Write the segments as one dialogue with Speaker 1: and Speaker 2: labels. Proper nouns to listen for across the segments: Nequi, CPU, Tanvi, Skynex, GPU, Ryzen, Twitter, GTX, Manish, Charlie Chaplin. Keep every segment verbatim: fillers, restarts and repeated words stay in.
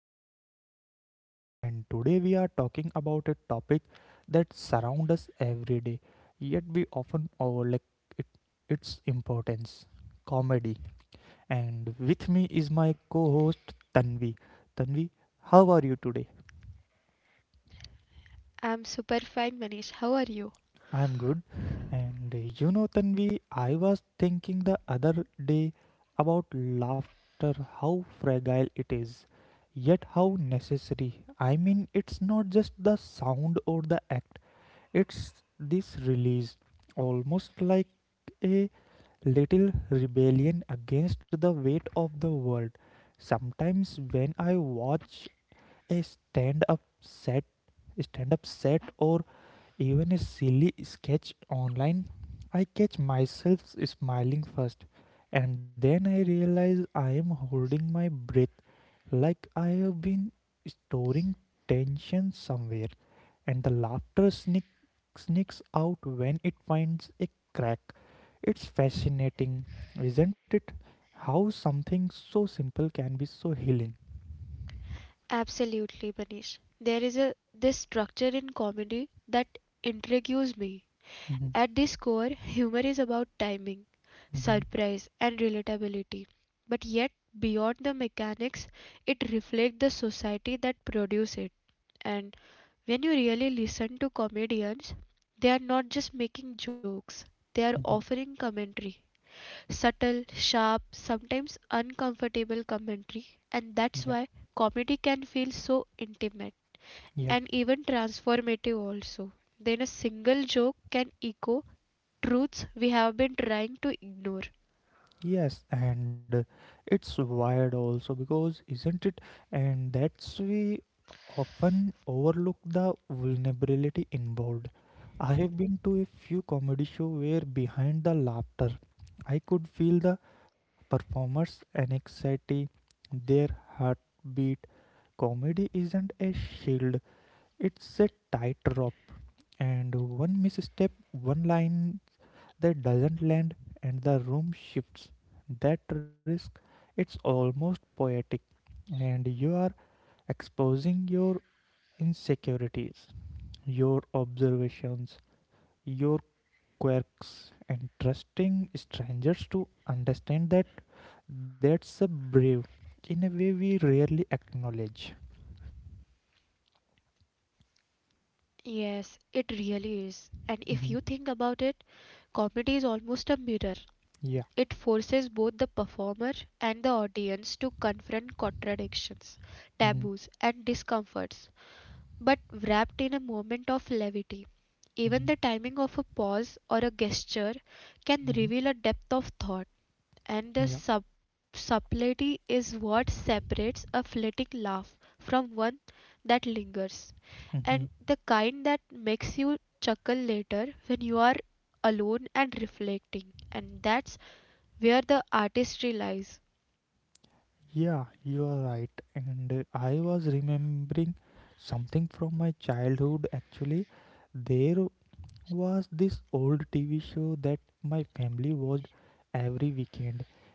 Speaker 1: your host Manish, and today we are talking about a topic that surrounds us every day, yet we often overlook it, its importance comedy. And with me is my co host Tanvi. Tanvi, how are you today?
Speaker 2: I'm super fine, Manish. How are you?
Speaker 1: I'm good. And uh, you know, Tanvi, I was thinking the other day about laughter, how fragile it is, yet how necessary. I mean, it's not just the sound or the act, it's this release, almost like a little rebellion against the weight of the world. Sometimes when I watch a stand up set, stand up set or even a silly sketch online, I catch myself smiling first, and then I realize I am holding my breath like I have been storing tension somewhere, and the laughter sneak, sneaks out when it finds a crack. It's fascinating, isn't it? How something so simple can be so healing.
Speaker 2: Absolutely, Manish. There is a this structure in comedy that intrigues me.
Speaker 1: Mhm.
Speaker 2: At this core, humor is about timing,
Speaker 1: Mhm.
Speaker 2: surprise, and relatability. But yet, beyond the mechanics, it reflects the society that produces it. And when you really listen to comedians, they are not just making jokes, they are
Speaker 1: Mhm.
Speaker 2: offering commentary. Subtle, sharp, sometimes uncomfortable commentary, and that's
Speaker 1: Yeah,
Speaker 2: why comedy can feel so intimate and
Speaker 1: yeah.
Speaker 2: even transformative also. Then a single joke can echo truths we have been trying to ignore.
Speaker 1: Yes, and uh, it's wired also because isn't it? And that's we often overlook the vulnerability involved. I have been to a few comedy show where behind the laughter, I could feel the performers' anxiety, their heartbeat. Comedy isn't a shield; it's a tightrope, and one misstep, one line that doesn't land and the room shifts. That risk, it's almost poetic, and you are exposing your insecurities, your observations, your quirks, and trusting strangers to understand that that's a brave in a way we rarely acknowledge.
Speaker 2: Yes, it really is. And if you think about it,
Speaker 1: Mhm.
Speaker 2: comedy is almost a mirror. It forces
Speaker 1: Yeah.
Speaker 2: both the performer and the audience to confront contradictions, taboos, and
Speaker 1: Mm-hmm.
Speaker 2: discomforts, but wrapped in a moment of levity. Even the
Speaker 1: Mm-hmm.
Speaker 2: timing of a pause or a gesture can
Speaker 1: Mm-hmm.
Speaker 2: reveal a depth of thought, and the
Speaker 1: Mm-hmm.
Speaker 2: sub-
Speaker 1: Yeah.
Speaker 2: subtlety is what separates a fleeting laugh from one that lingers,
Speaker 1: Mm-hmm.
Speaker 2: and the kind that makes you chuckle later when you are alone and reflecting. And that's where the artistry lies.
Speaker 1: Yeah, you are right. And uh, I was remembering something from my childhood actually. There was this old T V show that my family watched every weekend,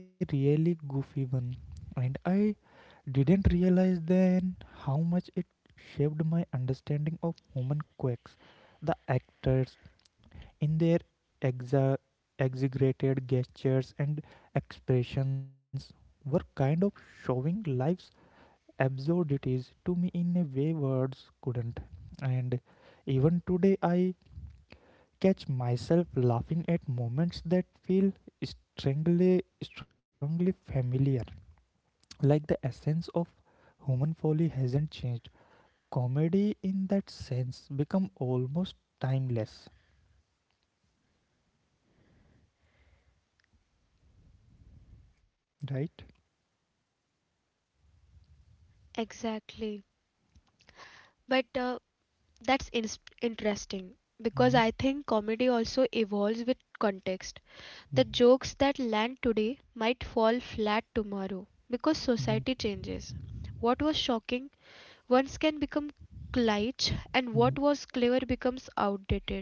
Speaker 1: a really goofy one. And I didn't realize then how much it shaped my understanding of human quirks, the actors, in their exa- exaggerated gestures and expressions were kind of showing life's absurdities to me in a way words couldn't. And even today, I catch myself laughing at moments that feel strangely, strongly familiar, like the essence of human folly hasn't changed. Comedy, in that sense, become almost timeless, right?
Speaker 2: Exactly. But uh, That's ins interesting because
Speaker 1: Mm-hmm.
Speaker 2: I think comedy also evolves with context. The
Speaker 1: Mm-hmm.
Speaker 2: jokes that land today might fall flat tomorrow because
Speaker 1: Mm-hmm.
Speaker 2: society changes. What was shocking once can become cliché, and
Speaker 1: Mm-hmm.
Speaker 2: what was clever becomes outdated.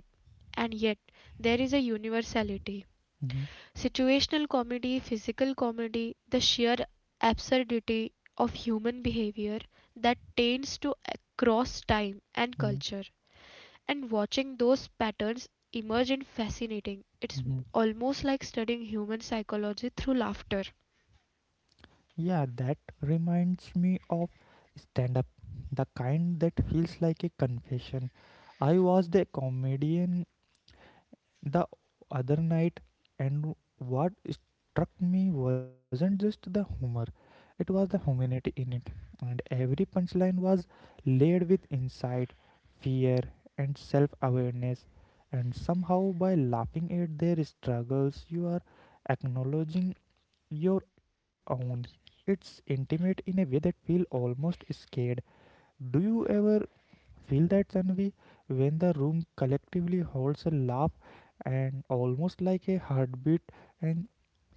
Speaker 2: And yet, there is a universality.
Speaker 1: Mhm.
Speaker 2: Situational comedy, physical comedy, the sheer absurdity of human behavior that tends to cross time and
Speaker 1: Mhm.
Speaker 2: culture. And watching those patterns emerge is fascinating. It's
Speaker 1: Mhm.
Speaker 2: almost like studying human psychology through laughter.
Speaker 1: Yeah, that reminds me of stand up, the kind that feels like a confession. I was the comedian the other night, and what struck me wasn't just the humor, it was the humanity in it. And every punchline was laid with insight, fear, and self awareness. And somehow, by laughing at their struggles, you are acknowledging your own. It's intimate in a way that feel almost scared. Do you ever feel that, Tanvi, when the room collectively holds a laugh and almost like a heartbeat and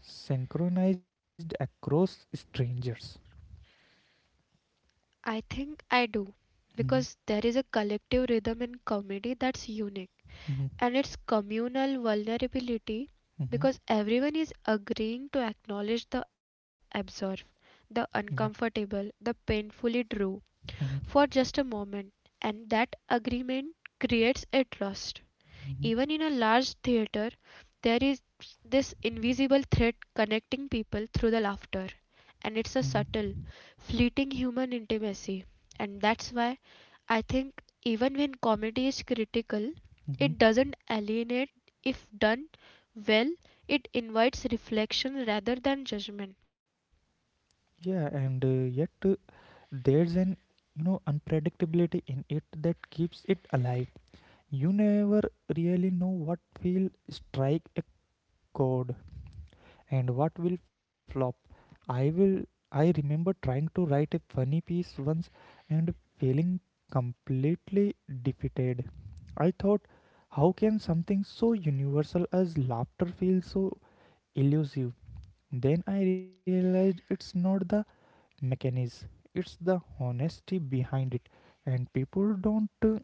Speaker 1: synchronized across strangers?
Speaker 2: I think I do,
Speaker 1: Mhm.
Speaker 2: because there is a collective rhythm in comedy that's unique.
Speaker 1: Mhm.
Speaker 2: And it's communal vulnerability,
Speaker 1: Mhm.
Speaker 2: because everyone is agreeing to acknowledge the absurd, the
Speaker 1: Yeah.
Speaker 2: uncomfortable, the painfully true
Speaker 1: Mhm.
Speaker 2: for just a moment. And that agreement creates a trust.
Speaker 1: Mhm.
Speaker 2: Even in a large theatre there is this invisible thread connecting people through the laughter, and
Speaker 1: Mhm.
Speaker 2: it's a subtle, fleeting human intimacy. And that's why I think even when comedy is critical,
Speaker 1: Mhm.
Speaker 2: it doesn't alienate. If done well, it invites reflection rather than judgment.
Speaker 1: Yeah, and uh, yet uh, there's an you know unpredictability in it that keeps it alive. You never really know what will strike a chord and what will flop. I will I remember trying to write a funny piece once and feeling completely defeated. I thought, how can something so universal as laughter feel so elusive? Then I realized it's not the mechanism, it's the honesty behind it, and people don't uh,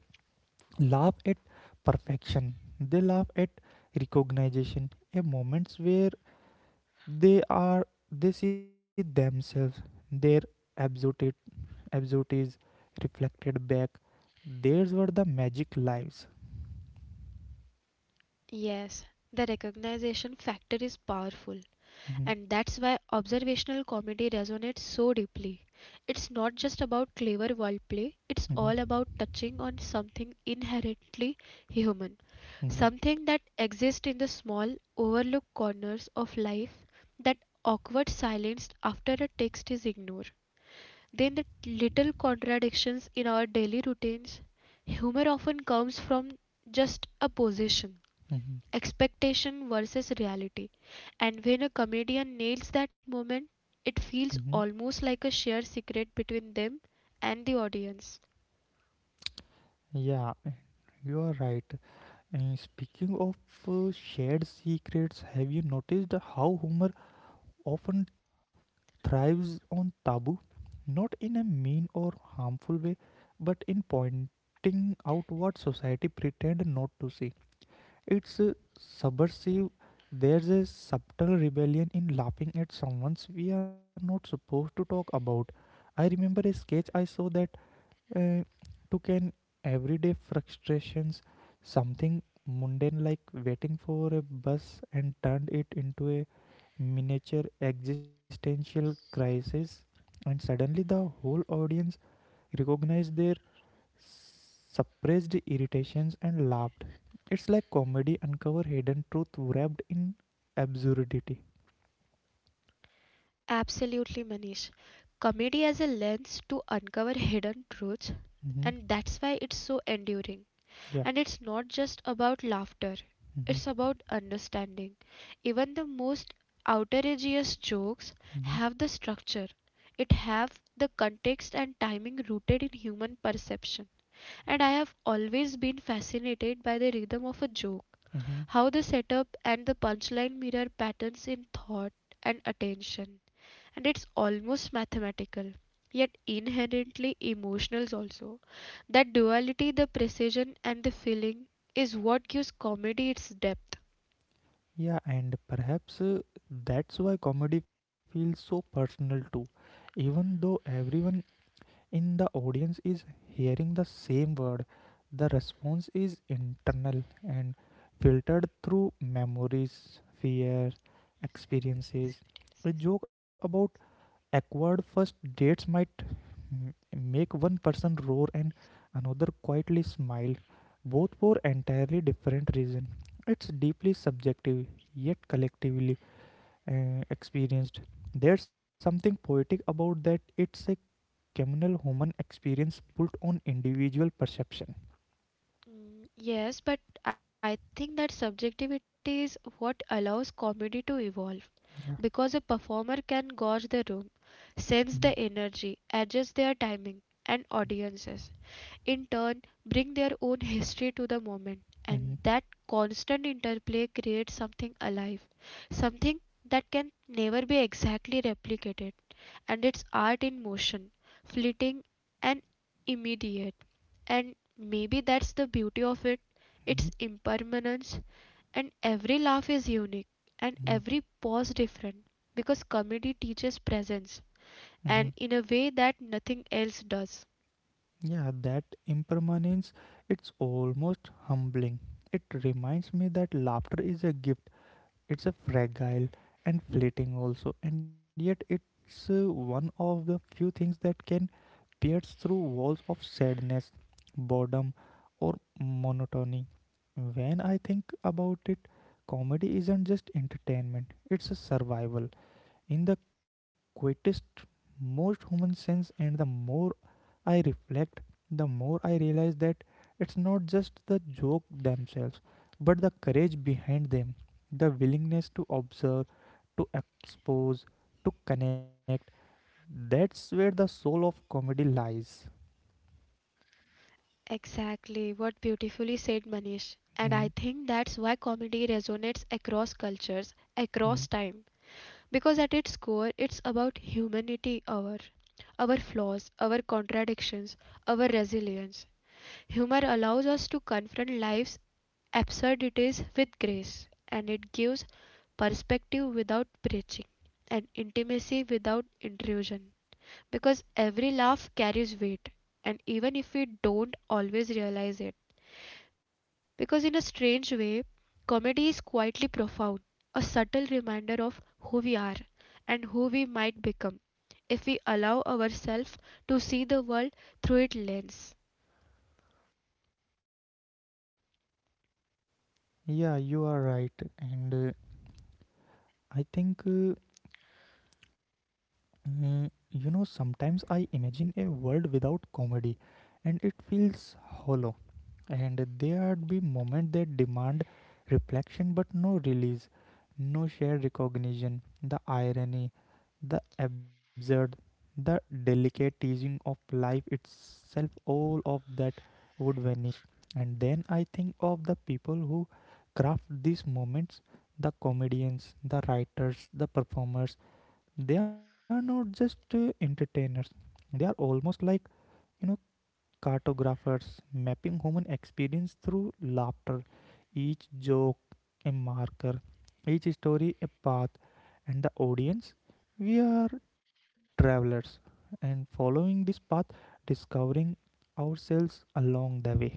Speaker 1: laugh at perfection, they laugh at recognition, a moments where they are they see themselves, their absolute absurdities reflected back, theirs were the magic lives.
Speaker 2: Yes, the recognition factor is powerful. And
Speaker 1: Hmm.
Speaker 2: that's why observational comedy resonates so deeply. It's not just about clever wordplay, it's
Speaker 1: Hmm.
Speaker 2: all about touching on something inherently human,
Speaker 1: Hmm.
Speaker 2: something that exists in the small, overlooked corners of life, that awkward silence after a text is ignored. Then the little contradictions in our daily routines. Humor often comes from just a position,
Speaker 1: Hmm.
Speaker 2: expectation versus reality. And when a comedian nails that moment, it
Speaker 1: Hmm.
Speaker 2: feels almost like a shared secret between them and the audience.
Speaker 1: Yeah, you are right. And speaking of uh, shared secrets, have you noticed how humor often thrives on taboo, not in a mean or harmful way, but in pointing out what society pretend not to see. It's uh, subversive. There's a subtle rebellion in laughing at someone's we are not supposed to talk about. I remember a sketch I saw that uh, took an everyday frustrations, something mundane like waiting for a bus, and turned it into a miniature existential crisis. And suddenly, the whole audience recognized their suppressed irritations and laughed. It's like comedy uncover hidden truth wrapped in absurdity.
Speaker 2: Absolutely, Manish. Comedy as a lens to uncover hidden truths,
Speaker 1: Hmm.
Speaker 2: and that's why it's so enduring.
Speaker 1: Yeah.
Speaker 2: And it's not just about laughter,
Speaker 1: Hmm.
Speaker 2: it's about understanding. Even the most outrageous jokes
Speaker 1: Hmm.
Speaker 2: have the structure. It have the context and timing rooted in human perception. And I have always been fascinated by the rhythm of a joke,
Speaker 1: Hmm.
Speaker 2: how the setup and the punchline mirror patterns in thought and attention, and it's almost mathematical, yet inherently emotional also. That duality, the precision and the feeling, is what gives comedy its depth.
Speaker 1: Yeah, and perhaps uh, that's why comedy feels so personal too. Even though everyone in the audience is hearing the same word, the response is internal and filtered through memories, fear, experiences. A joke about awkward first dates might m- make one person roar and another quietly smile, both for entirely different reasons. It's deeply subjective, yet collectively uh, experienced. There's something poetic about that. It's a communal human experience built on individual perception.
Speaker 2: Mm, yes, but I think that subjectivity is what allows comedy to evolve. Because
Speaker 1: Yeah.
Speaker 2: a performer can gauge the room, sense
Speaker 1: Mm-hmm.
Speaker 2: the energy, adjust their timing and audiences, in turn, bring their own history to the moment, and that constant interplay creates something alive, something that can never be exactly replicated. And it's art in motion, fleeting and immediate, and maybe that's the beauty of it,
Speaker 1: Mm-hmm.
Speaker 2: its impermanence. And every laugh is unique and every pause different, because comedy teaches presence,
Speaker 1: Hmm.
Speaker 2: and in a way that nothing else does.
Speaker 1: Yeah, that impermanence, it's almost humbling. It reminds me that laughter is a gift. It's a fragile and fleeting also, and yet it's uh, one of the few things that can pierce through walls of sadness, boredom, or monotony. When I think about it, comedy isn't just entertainment, it's a survival in the quietest, most human sense, and the more I reflect, the more I realize that it's not just the joke themselves, but the courage behind them, the willingness to observe, to expose, to connect. That's where the soul of comedy lies.
Speaker 2: Exactly, what beautifully said, Manish. And I
Speaker 1: Mm.
Speaker 2: think that's why comedy resonates across cultures,
Speaker 1: Mm.
Speaker 2: across time. Because at its core, it's about humanity, our, our flaws, our contradictions, our resilience. Humor allows us to confront life's absurdities with grace, and it gives perspective without preaching, and intimacy without intrusion, because every laugh carries weight, and even if we don't always realize it. Because in a strange way, comedy is quietly profound, a subtle reminder of who we are and who we might become if we allow ourselves to see the world through its lens.
Speaker 1: Yeah, you are right. And uh, I think, uh, uh, you know, sometimes I imagine a world without comedy, and it feels hollow, and there'd be moments that demand reflection but no release, no shared recognition. The irony, the absurd, the delicate teasing of life itself, all of that would vanish. And then I think of the people who craft these moments, the comedians, the writers, the performers. They are not just uh, entertainers, they are almost like you know cartographers, mapping human experience through laughter, each joke a marker, each story a path, and the audience, we are travelers and following this path, discovering ourselves along the way.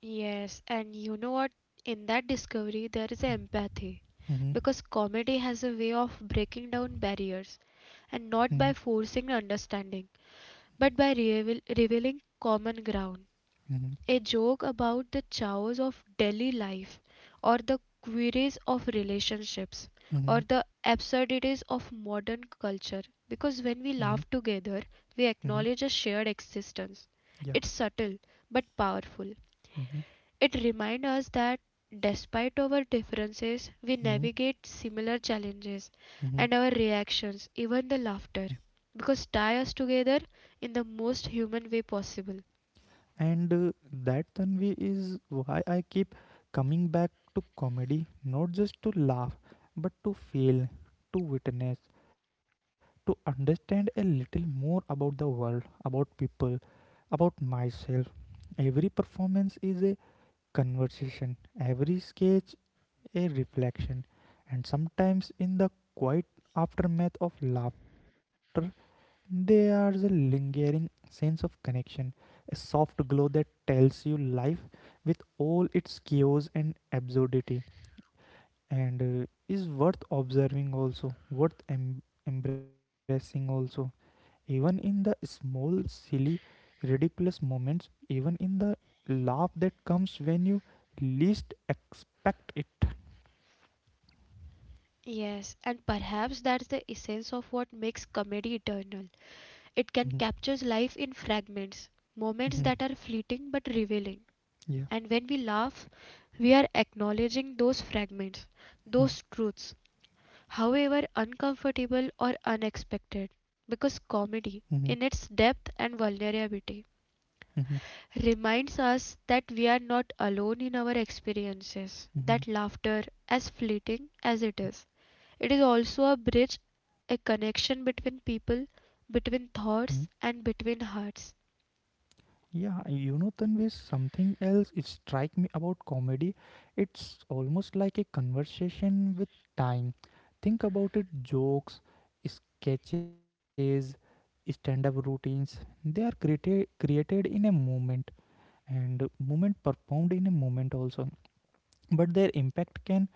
Speaker 2: Yes, and you know what? In that discovery, there is empathy
Speaker 1: Mhm.
Speaker 2: because comedy has a way of breaking down barriers,
Speaker 1: Mhm.
Speaker 2: and not by forcing understanding but by reveal- revealing common ground.
Speaker 1: Mhm.
Speaker 2: A joke about the chaos of daily life, or the queries of relationships, or
Speaker 1: Mhm.
Speaker 2: the absurdities of modern culture. Because
Speaker 1: Mhm.
Speaker 2: when we laugh together, we
Speaker 1: Mhm.
Speaker 2: acknowledge a shared existence.
Speaker 1: Yeah.
Speaker 2: It's subtle but powerful.
Speaker 1: Mm-hmm.
Speaker 2: It reminds us that despite our differences, we navigate similar challenges,
Speaker 1: Hmm.
Speaker 2: and our reactions, even the laughter, because tie us together in the most human way possible.
Speaker 1: And uh, that Tanvi is why I keep coming back to comedy, not just to laugh, but to feel, to witness, to understand a little more about the world, about people, about myself. Every performance is a conversation, every sketch a reflection, and sometimes in the quiet aftermath of laughter, there's a lingering sense of connection, a soft glow that tells you life with all its chaos and absurdity and uh, is worth observing also, worth em- embracing also, even in the small, silly, ridiculous moments, even in the laugh that comes when you least expect it.
Speaker 2: Yes, and perhaps that's the essence of what makes comedy eternal. It can
Speaker 1: Mhm.
Speaker 2: capture life in fragments, moments that
Speaker 1: Mhm.
Speaker 2: are fleeting but revealing.
Speaker 1: Yeah.
Speaker 2: And when we laugh, we are acknowledging those fragments,
Speaker 1: Mhm.
Speaker 2: those truths, however uncomfortable or unexpected,
Speaker 1: Mhm.
Speaker 2: because comedy, in its depth and vulnerability,
Speaker 1: Mhm.
Speaker 2: reminds us that we are not alone in our experiences,
Speaker 1: Mhm.
Speaker 2: that laughter, as fleeting as it is, it is also a bridge, a connection between people,
Speaker 1: Mhm.
Speaker 2: between thoughts, and between hearts.
Speaker 1: Yeah, you know, Tanvi, something else it strike me about comedy. It's almost like a conversation with time. Think about it: jokes, sketches, stand-up routines. They are created created in a moment, and moment performed in a moment also, but their impact can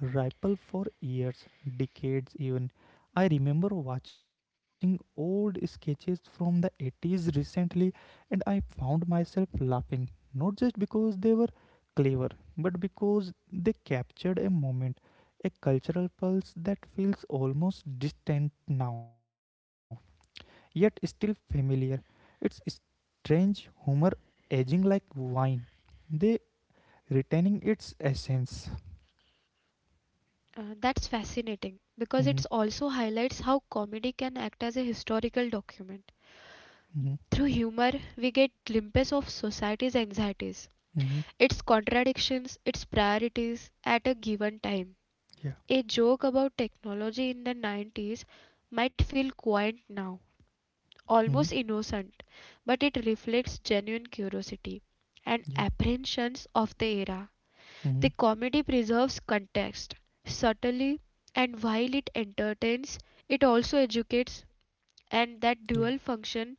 Speaker 1: ripple for years, decades even. I remember watching old sketches from the eighties recently, and I found myself laughing, not just because they were clever, but because they captured a moment, a cultural pulse that feels almost distant now, yet still familiar. It's strange humor aging like wine, they retaining its essence.
Speaker 2: Uh, that's fascinating because it also
Speaker 1: Mhm.
Speaker 2: highlights how comedy can act as a historical document.
Speaker 1: Mm-hmm.
Speaker 2: Through humor, we get glimpses of society's anxieties,
Speaker 1: Mm-hmm.
Speaker 2: its contradictions, its priorities at a given time.
Speaker 1: Yeah.
Speaker 2: A joke about technology in the nineties might feel quaint now,
Speaker 1: Mm-hmm.
Speaker 2: almost innocent, but it reflects genuine curiosity and
Speaker 1: Yeah.
Speaker 2: apprehensions of the era.
Speaker 1: Mm-hmm.
Speaker 2: The comedy preserves context subtly, and while it entertains, it also educates,
Speaker 1: Yeah.
Speaker 2: and that dual function,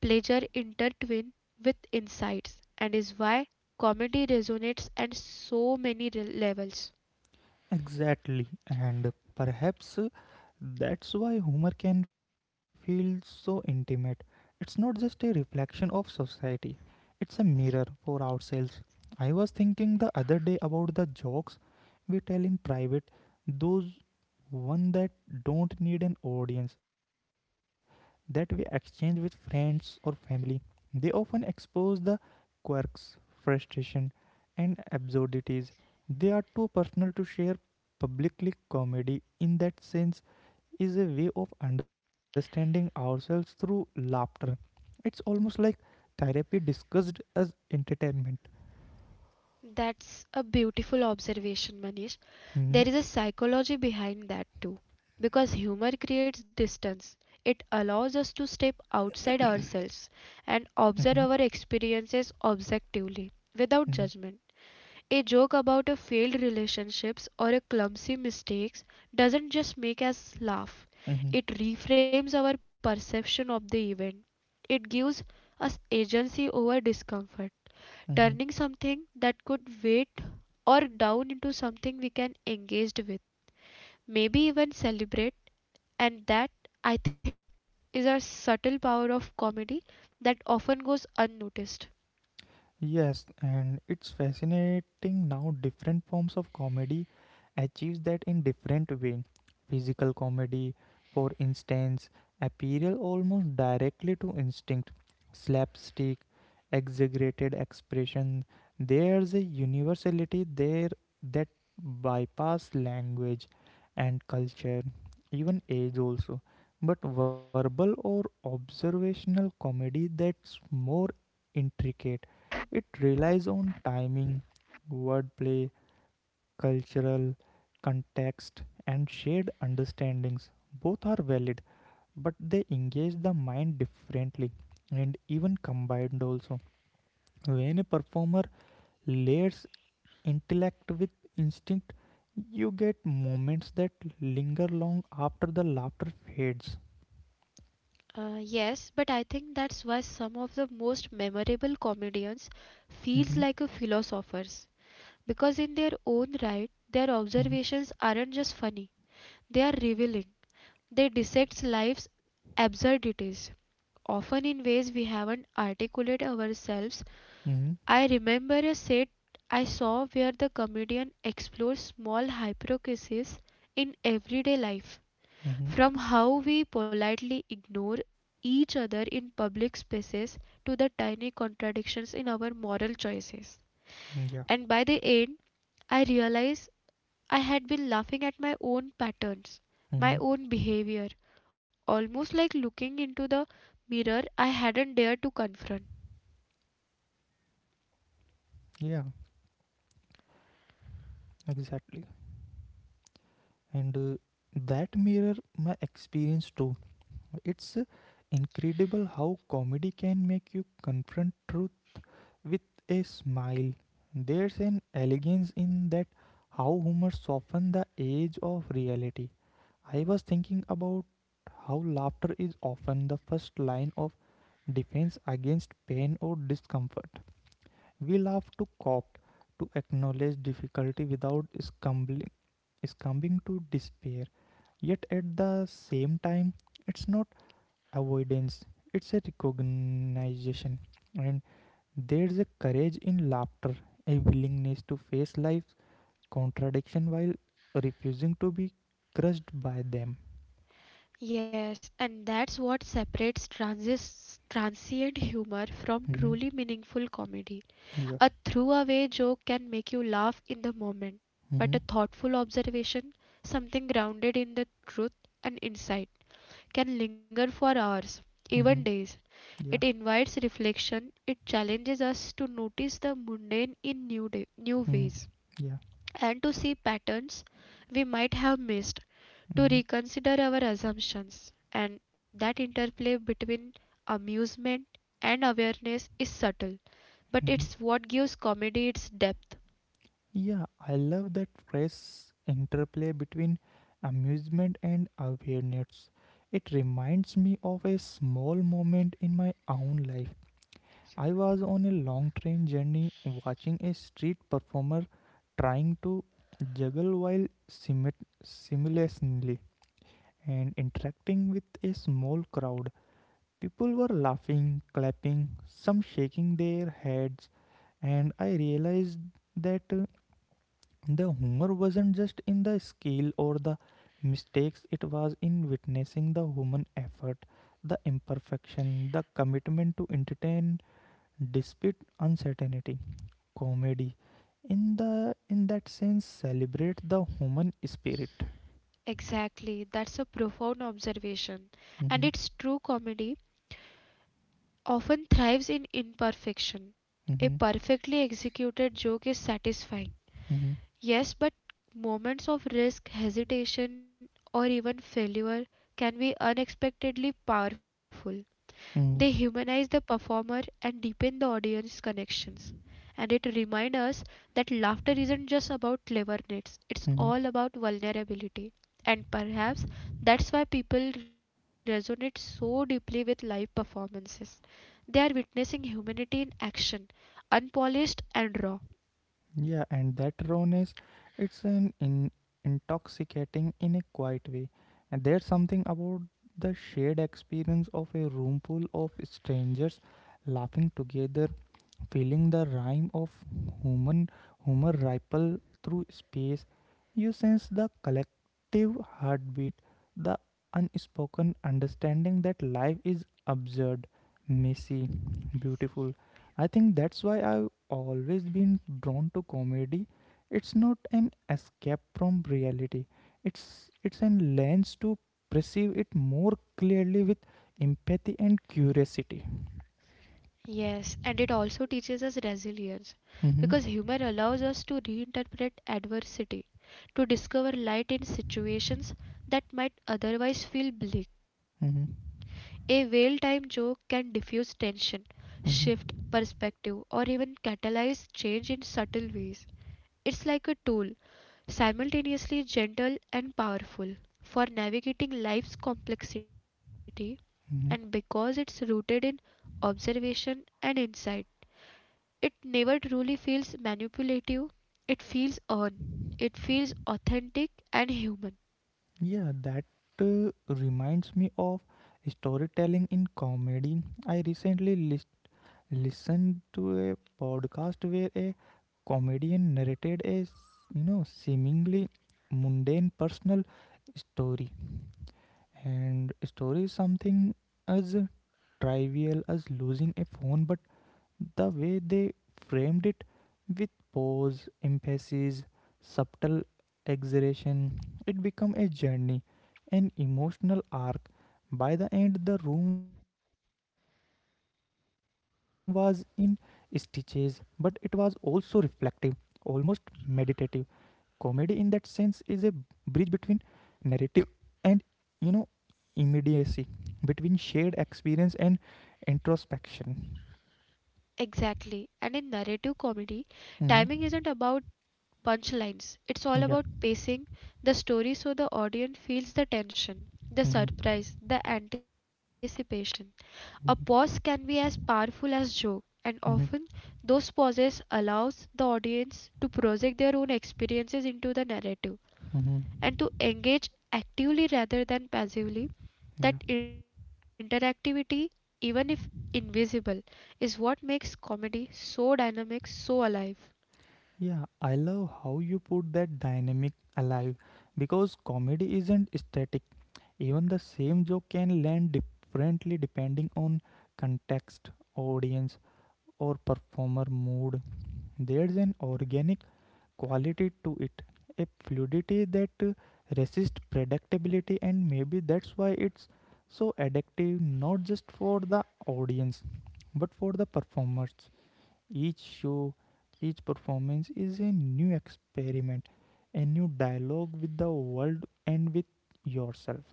Speaker 2: pleasure intertwine with insights, and is why comedy resonates at so many levels.
Speaker 1: Exactly. And perhaps uh, that's why humor can feel so intimate. It's not just a reflection of society, it's a mirror for ourselves. I was thinking the other day about the jokes we tell in private, those one that don't need an audience, that we exchange with friends or family. They often expose the quirks, frustration, and absurdities, they are too personal to share publicly. Comedy, in that sense, is a way of understanding ourselves through laughter. It's almost like therapy discussed as entertainment.
Speaker 2: That's a beautiful observation, Manish.
Speaker 1: Mm-hmm.
Speaker 2: There is a psychology behind that too. Because humor creates distance, it allows us to step outside ourselves and observe our experiences objectively without
Speaker 1: Mm-hmm.
Speaker 2: judgment. A joke about a failed relationship or a clumsy mistake doesn't just make us laugh,
Speaker 1: Hmm.
Speaker 2: it reframes our perception of the event. It gives us agency over discomfort, turning something that could wait or down into something we can engage with, maybe even celebrate. And that, I think, is a subtle power of comedy that often goes unnoticed.
Speaker 1: Yes, and it's fascinating now different forms of comedy achieves that in different way. Physical comedy, for instance, appeal almost directly to instinct, slapstick, exaggerated expression. There's a universality there that bypass language and culture, even age also. But verbal or observational comedy, that's more intricate, it relies on timing, wordplay, cultural context, and shared understandings. Both are valid, but they engage the mind differently, and even combined also. When a performer layers intellect with instinct, you get moments that linger long after the laughter fades.
Speaker 2: Uh, yes, but I think that's why some of the most memorable comedians feels
Speaker 1: Mm-hmm.
Speaker 2: like a philosophers, because in their own right their
Speaker 1: Mm-hmm.
Speaker 2: observations aren't just funny, they are revealing. They dissect life's absurdities often in ways we haven't articulated ourselves.
Speaker 1: Mm-hmm.
Speaker 2: I remember a set I saw where the comedian explores small hypocrisies in everyday life,
Speaker 1: Mm-hmm.
Speaker 2: from how we politely ignore each other in public spaces to the tiny contradictions in our moral choices.
Speaker 1: Yeah.
Speaker 2: And by the end, I realized I had been laughing at my own patterns,
Speaker 1: Mm-hmm.
Speaker 2: my own behavior, almost like looking into the mirror I hadn't dared to confront.
Speaker 1: Yeah, exactly. And uh, that mirror my experience too. It's uh, incredible how comedy can make you confront truth with a smile. There's an elegance in that, how humor softens the edge of reality. I was thinking about how laughter is often the first line of defense against pain or discomfort. We laugh to cope, to acknowledge difficulty without scumbling is coming to despair. Yet at the same time, it's not avoidance, it's a recognition. And there's a courage in laughter, a willingness to face life's contradiction while refusing to be crushed by them.
Speaker 2: Yes, and that's what separates transis- transient humor from
Speaker 1: Mhm.
Speaker 2: truly meaningful comedy.
Speaker 1: Yeah.
Speaker 2: A throwaway joke can make you laugh in the moment, but
Speaker 1: Mm-hmm.
Speaker 2: a thoughtful observation, something grounded in the truth and insight, can linger for hours,
Speaker 1: Mm-hmm.
Speaker 2: even days.
Speaker 1: Yeah.
Speaker 2: It invites reflection, it challenges us to notice the mundane in new, day, new
Speaker 1: Mm-hmm.
Speaker 2: ways,
Speaker 1: Yeah.
Speaker 2: and to see patterns we might have missed, to
Speaker 1: Mm-hmm.
Speaker 2: reconsider our assumptions. And that interplay between amusement and awareness is subtle, but
Speaker 1: Mm-hmm.
Speaker 2: it's what gives comedy its depth.
Speaker 1: Yeah, I love that phrase interplay between amusement and awareness. It reminds me of a small moment in my own life. I was on a long train journey watching a street performer trying to juggle while simit- simultaneously and interacting with a small crowd. People were laughing, clapping, some shaking their heads, and I realized that uh, the humor wasn't just in the scale or the mistakes, it was in witnessing the human effort, the imperfection, the commitment to entertain despite uncertainty. Comedy, in the in that sense, celebrate the human spirit.
Speaker 2: Exactly, that's a profound observation. And
Speaker 1: Mm-hmm.
Speaker 2: its true comedy often thrives in imperfection. A perfectly executed joke is satisfying,
Speaker 1: hmm
Speaker 2: yes, but moments of risk, hesitation, or even failure can be unexpectedly powerful. They
Speaker 1: hmm
Speaker 2: humanize the performer and deepen the audience connections. And it reminds us that laughter isn't just about cleverness, it's
Speaker 1: hmm
Speaker 2: all about vulnerability. And perhaps that's why people resonate so deeply with live performances. They are witnessing humanity in action, unpolished and raw.
Speaker 1: Yeah, and that rawness, it's an in, intoxicating in a quiet way. And there's something about the shared experience of a room full of strangers laughing together, feeling the rhyme of human humor ripple through space. You sense the collective heartbeat, the unspoken understanding that life is absurd, messy, beautiful. I think that's why I've always been drawn to comedy. It's not an escape from reality. It's it's an lens to perceive it more clearly with empathy and curiosity.
Speaker 2: Yes, and it also teaches us resilience because
Speaker 1: Mm-hmm.
Speaker 2: humor allows us to reinterpret adversity, to discover light in situations that might otherwise feel bleak.
Speaker 1: Mm-hmm.
Speaker 2: A well timed joke can diffuse tension, shift
Speaker 1: Mm-hmm.
Speaker 2: perspective, or even catalyze change in subtle ways. It's like a tool, simultaneously gentle and powerful, for navigating life's complexity, and
Speaker 1: Mm-hmm.
Speaker 2: because it's rooted in observation and insight, it never truly feels manipulative. It feels earned, it feels authentic and human.
Speaker 1: Yeah, that uh, reminds me of storytelling in comedy. I recently listen to a podcast where a comedian narrated a you know seemingly mundane personal story, and story is something as trivial as losing a phone, but the way they framed it with pause, emphasis, subtle exaggeration, it became a journey, an emotional arc. By the end, the room was in stitches, but it was also reflective, almost meditative. Comedy, in that sense, is a bridge between narrative and you know immediacy, between shared experience and introspection.
Speaker 2: Exactly. And in narrative comedy, timing
Speaker 1: Mhm.
Speaker 2: isn't about punchlines, it's all about pacing the story so the audience feels the tension, the
Speaker 1: Mm-hmm.
Speaker 2: surprise, the anticipation. A pause can be as powerful as joke, and often
Speaker 1: Mm-hmm.
Speaker 2: those pauses allows the audience to project their own experiences into the narrative
Speaker 1: Mm-hmm.
Speaker 2: and to engage actively rather than passively.
Speaker 1: Yeah.
Speaker 2: That interactivity, even if invisible, is what makes comedy so dynamic, so alive.
Speaker 1: Yeah. I love how you put that dynamic alive because comedy isn't static. Even the same joke can land differently depending on context, audience, or performer mood. There's an organic quality to it, a fluidity that uh, resists predictability, and maybe that's why it's so addictive, not just for the audience but for the performers. Each show, each performance is a new experiment, a new dialogue with the world and with yourself.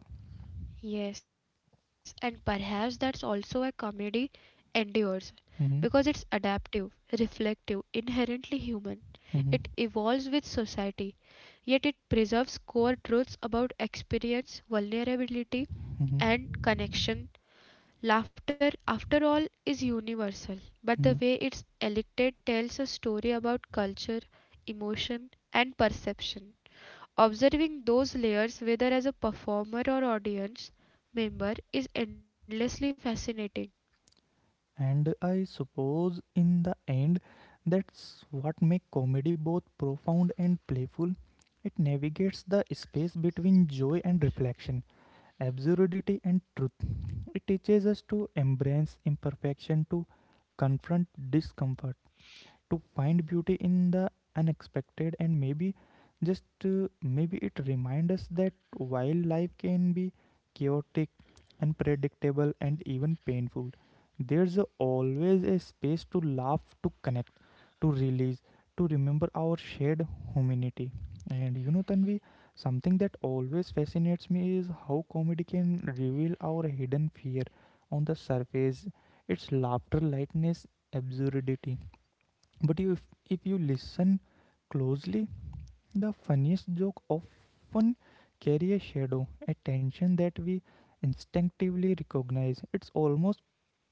Speaker 2: Yes, and perhaps that's also a comedy endures because it's
Speaker 1: Mhm.
Speaker 2: adaptive, reflective, inherently human. It
Speaker 1: mhm,
Speaker 2: evolves with society, yet it preserves core truths about experience, vulnerability,
Speaker 1: mhm,
Speaker 2: and connection. Laughter, after all, is universal, but the
Speaker 1: mhm.
Speaker 2: way it's elected tells a story about culture, emotion, and perception. Observing those layers, whether as a performer or audience member, is endlessly fascinating.
Speaker 1: And I suppose in the end, that's what makes comedy both profound and playful. It navigates the space between joy and reflection, absurdity and truth. It teaches us to embrace imperfection, to confront discomfort, to find beauty in the unexpected, and maybe just uh, maybe it reminds us that while life can be chaotic, unpredictable, and even painful, there's a- always a space to laugh, to connect, to release, to remember our shared humanity. And you know Tanvi, something that always fascinates me is how comedy can reveal our hidden fear. On the surface, its laughter, lightness, absurdity, but you, if, if you listen closely, the funniest joke often carry a shadow, a tension that we instinctively recognize. It's almost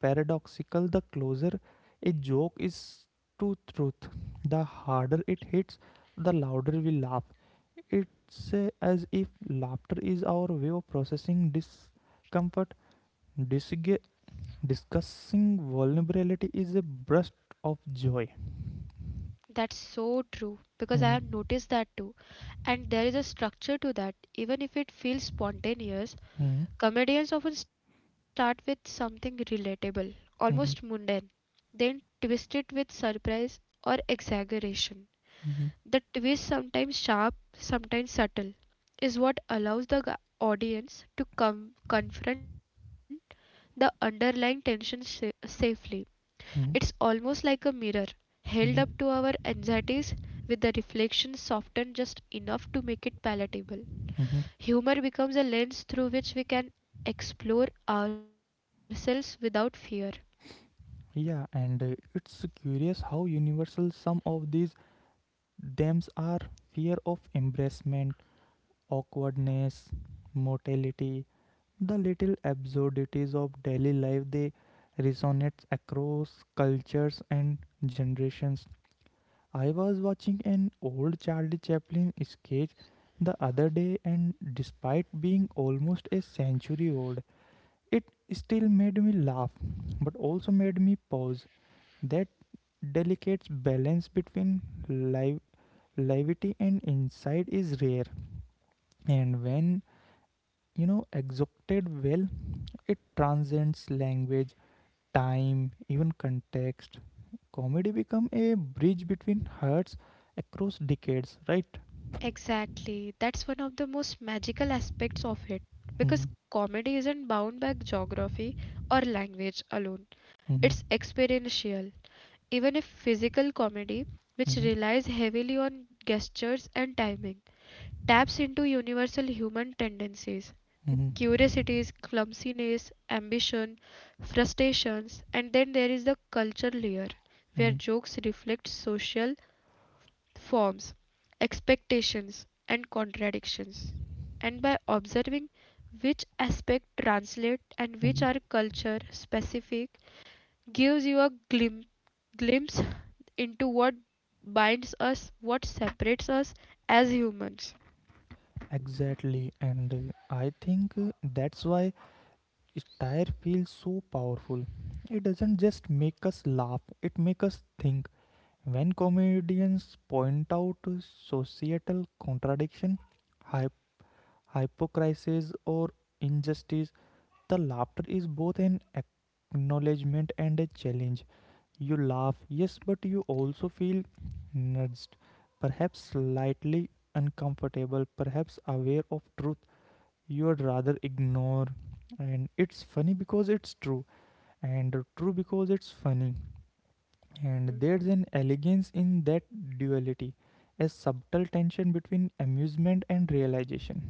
Speaker 1: paradoxical: the closer a joke is to truth, the harder it hits, the louder we laugh. It's uh, as if laughter is our way of processing discomfort. Disg- discussing vulnerability is a burst of joy.
Speaker 2: That's so true because I have
Speaker 1: Hmm.
Speaker 2: noticed that too. And there is a structure to that, even if it feels spontaneous.
Speaker 1: Hmm.
Speaker 2: Comedians often start with something relatable, almost
Speaker 1: Mhm,
Speaker 2: mundane, then twist it with surprise or exaggeration.
Speaker 1: mhm,
Speaker 2: The twist, sometimes sharp, sometimes subtle, is what allows the g- audience to come confront the underlying tension sa- safely. It's
Speaker 1: mhm,
Speaker 2: almost like a mirror held up to our
Speaker 1: mhm,
Speaker 2: anxieties with the reflection softened just enough to make it palatable.
Speaker 1: mhm.
Speaker 2: Humor becomes a lens through which we can explore ourselves without fear.
Speaker 1: Yeah, and uh, it's curious how universal some of these themes are: fear of embarrassment, awkwardness, mortality, the little absurdities of daily life. They resonate across cultures and generations. I was watching an old Charlie Chaplin sketch the other day, and despite being almost a century old, it still made me laugh, but also made me pause. That delicate balance between live, levity and insight is rare, and when you know executed well, it transcends language, time, even context. Comedy become a bridge between hearts across decades, right?
Speaker 2: Exactly, that's one of the most magical aspects of it, because
Speaker 1: Mhm.
Speaker 2: comedy isn't bound by geography or language alone.
Speaker 1: mhm,
Speaker 2: It's experiential, even if physical comedy, which
Speaker 1: mhm,
Speaker 2: relies heavily on gestures and timing, taps into universal human tendencies,
Speaker 1: mhm,
Speaker 2: curiosities, clumsiness, ambition, frustrations, and then there is the culture layer where
Speaker 1: mhm.
Speaker 2: jokes reflect social forms, expectations, and contradictions. And by observing which aspect translate and which are culture specific gives you a glim- glimpse into what binds us, what separates us as humans.
Speaker 1: Exactly, and uh, I think uh, that's why style feels so powerful. It doesn't just make us laugh, it makes us think. When comedians point out societal contradiction, hy- hypocrisy, or injustice, the laughter is both an acknowledgement and a challenge. You laugh, yes, but you also feel nudged, perhaps slightly uncomfortable, perhaps aware of truth you would rather ignore. And it's funny because it's true, and true because it's funny, and there's an elegance in that duality, a subtle tension between amusement and realization.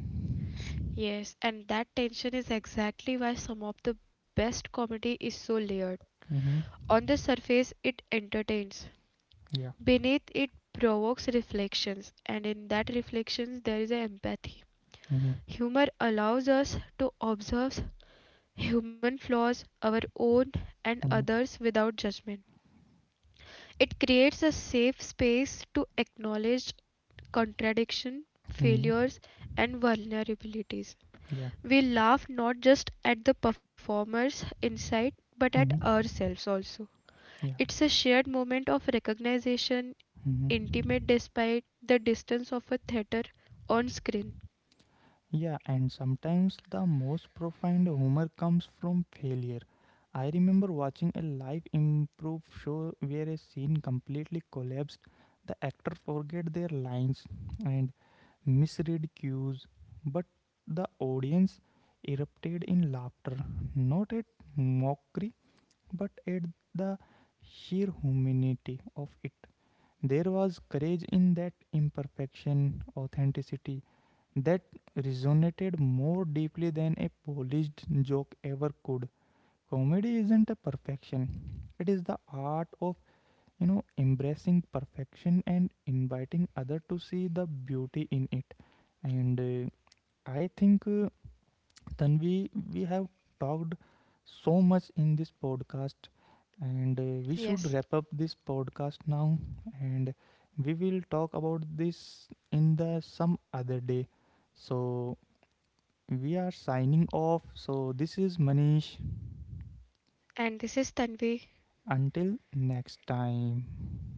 Speaker 2: Yes, and that tension is exactly why some of the best comedy is so layered.
Speaker 1: Mm-hmm.
Speaker 2: On the surface, it entertains.
Speaker 1: yeah
Speaker 2: Beneath, it provokes reflections, and in that reflections, there is an empathy.
Speaker 1: mm-hmm.
Speaker 2: Humor allows us to observe human flaws, our own and
Speaker 1: Mm-hmm.
Speaker 2: others, without judgment. It creates a safe space to acknowledge contradiction,
Speaker 1: Mm-hmm.
Speaker 2: failures, and vulnerabilities.
Speaker 1: yeah
Speaker 2: We laugh not just at the performer's insight but at
Speaker 1: mm-hmm.
Speaker 2: ourselves also.
Speaker 1: yeah
Speaker 2: It's a shared moment of recognition, intimate
Speaker 1: mm-hmm.
Speaker 2: despite the distance of a theater on screen.
Speaker 1: Yeah. And sometimes the most profound humor comes from failure. I remember watching a live improv show where a scene completely collapsed. The actor forget their lines and misread cues, but the audience erupted in laughter, not at mockery, but at the sheer humanity of it. There was courage in that imperfection, authenticity that resonated more deeply than a polished joke ever could. Comedy isn't a perfection, it is the art of you know embracing perfection and inviting others to see the beauty in it. And uh, I think uh, Tanvi, we have talked so much in this podcast, and uh, we
Speaker 2: Yes,
Speaker 1: should wrap up this podcast now. And we will talk about this in the some other day. So we are signing off. So this is Manish.
Speaker 2: and this is Tanvi
Speaker 1: Until next time.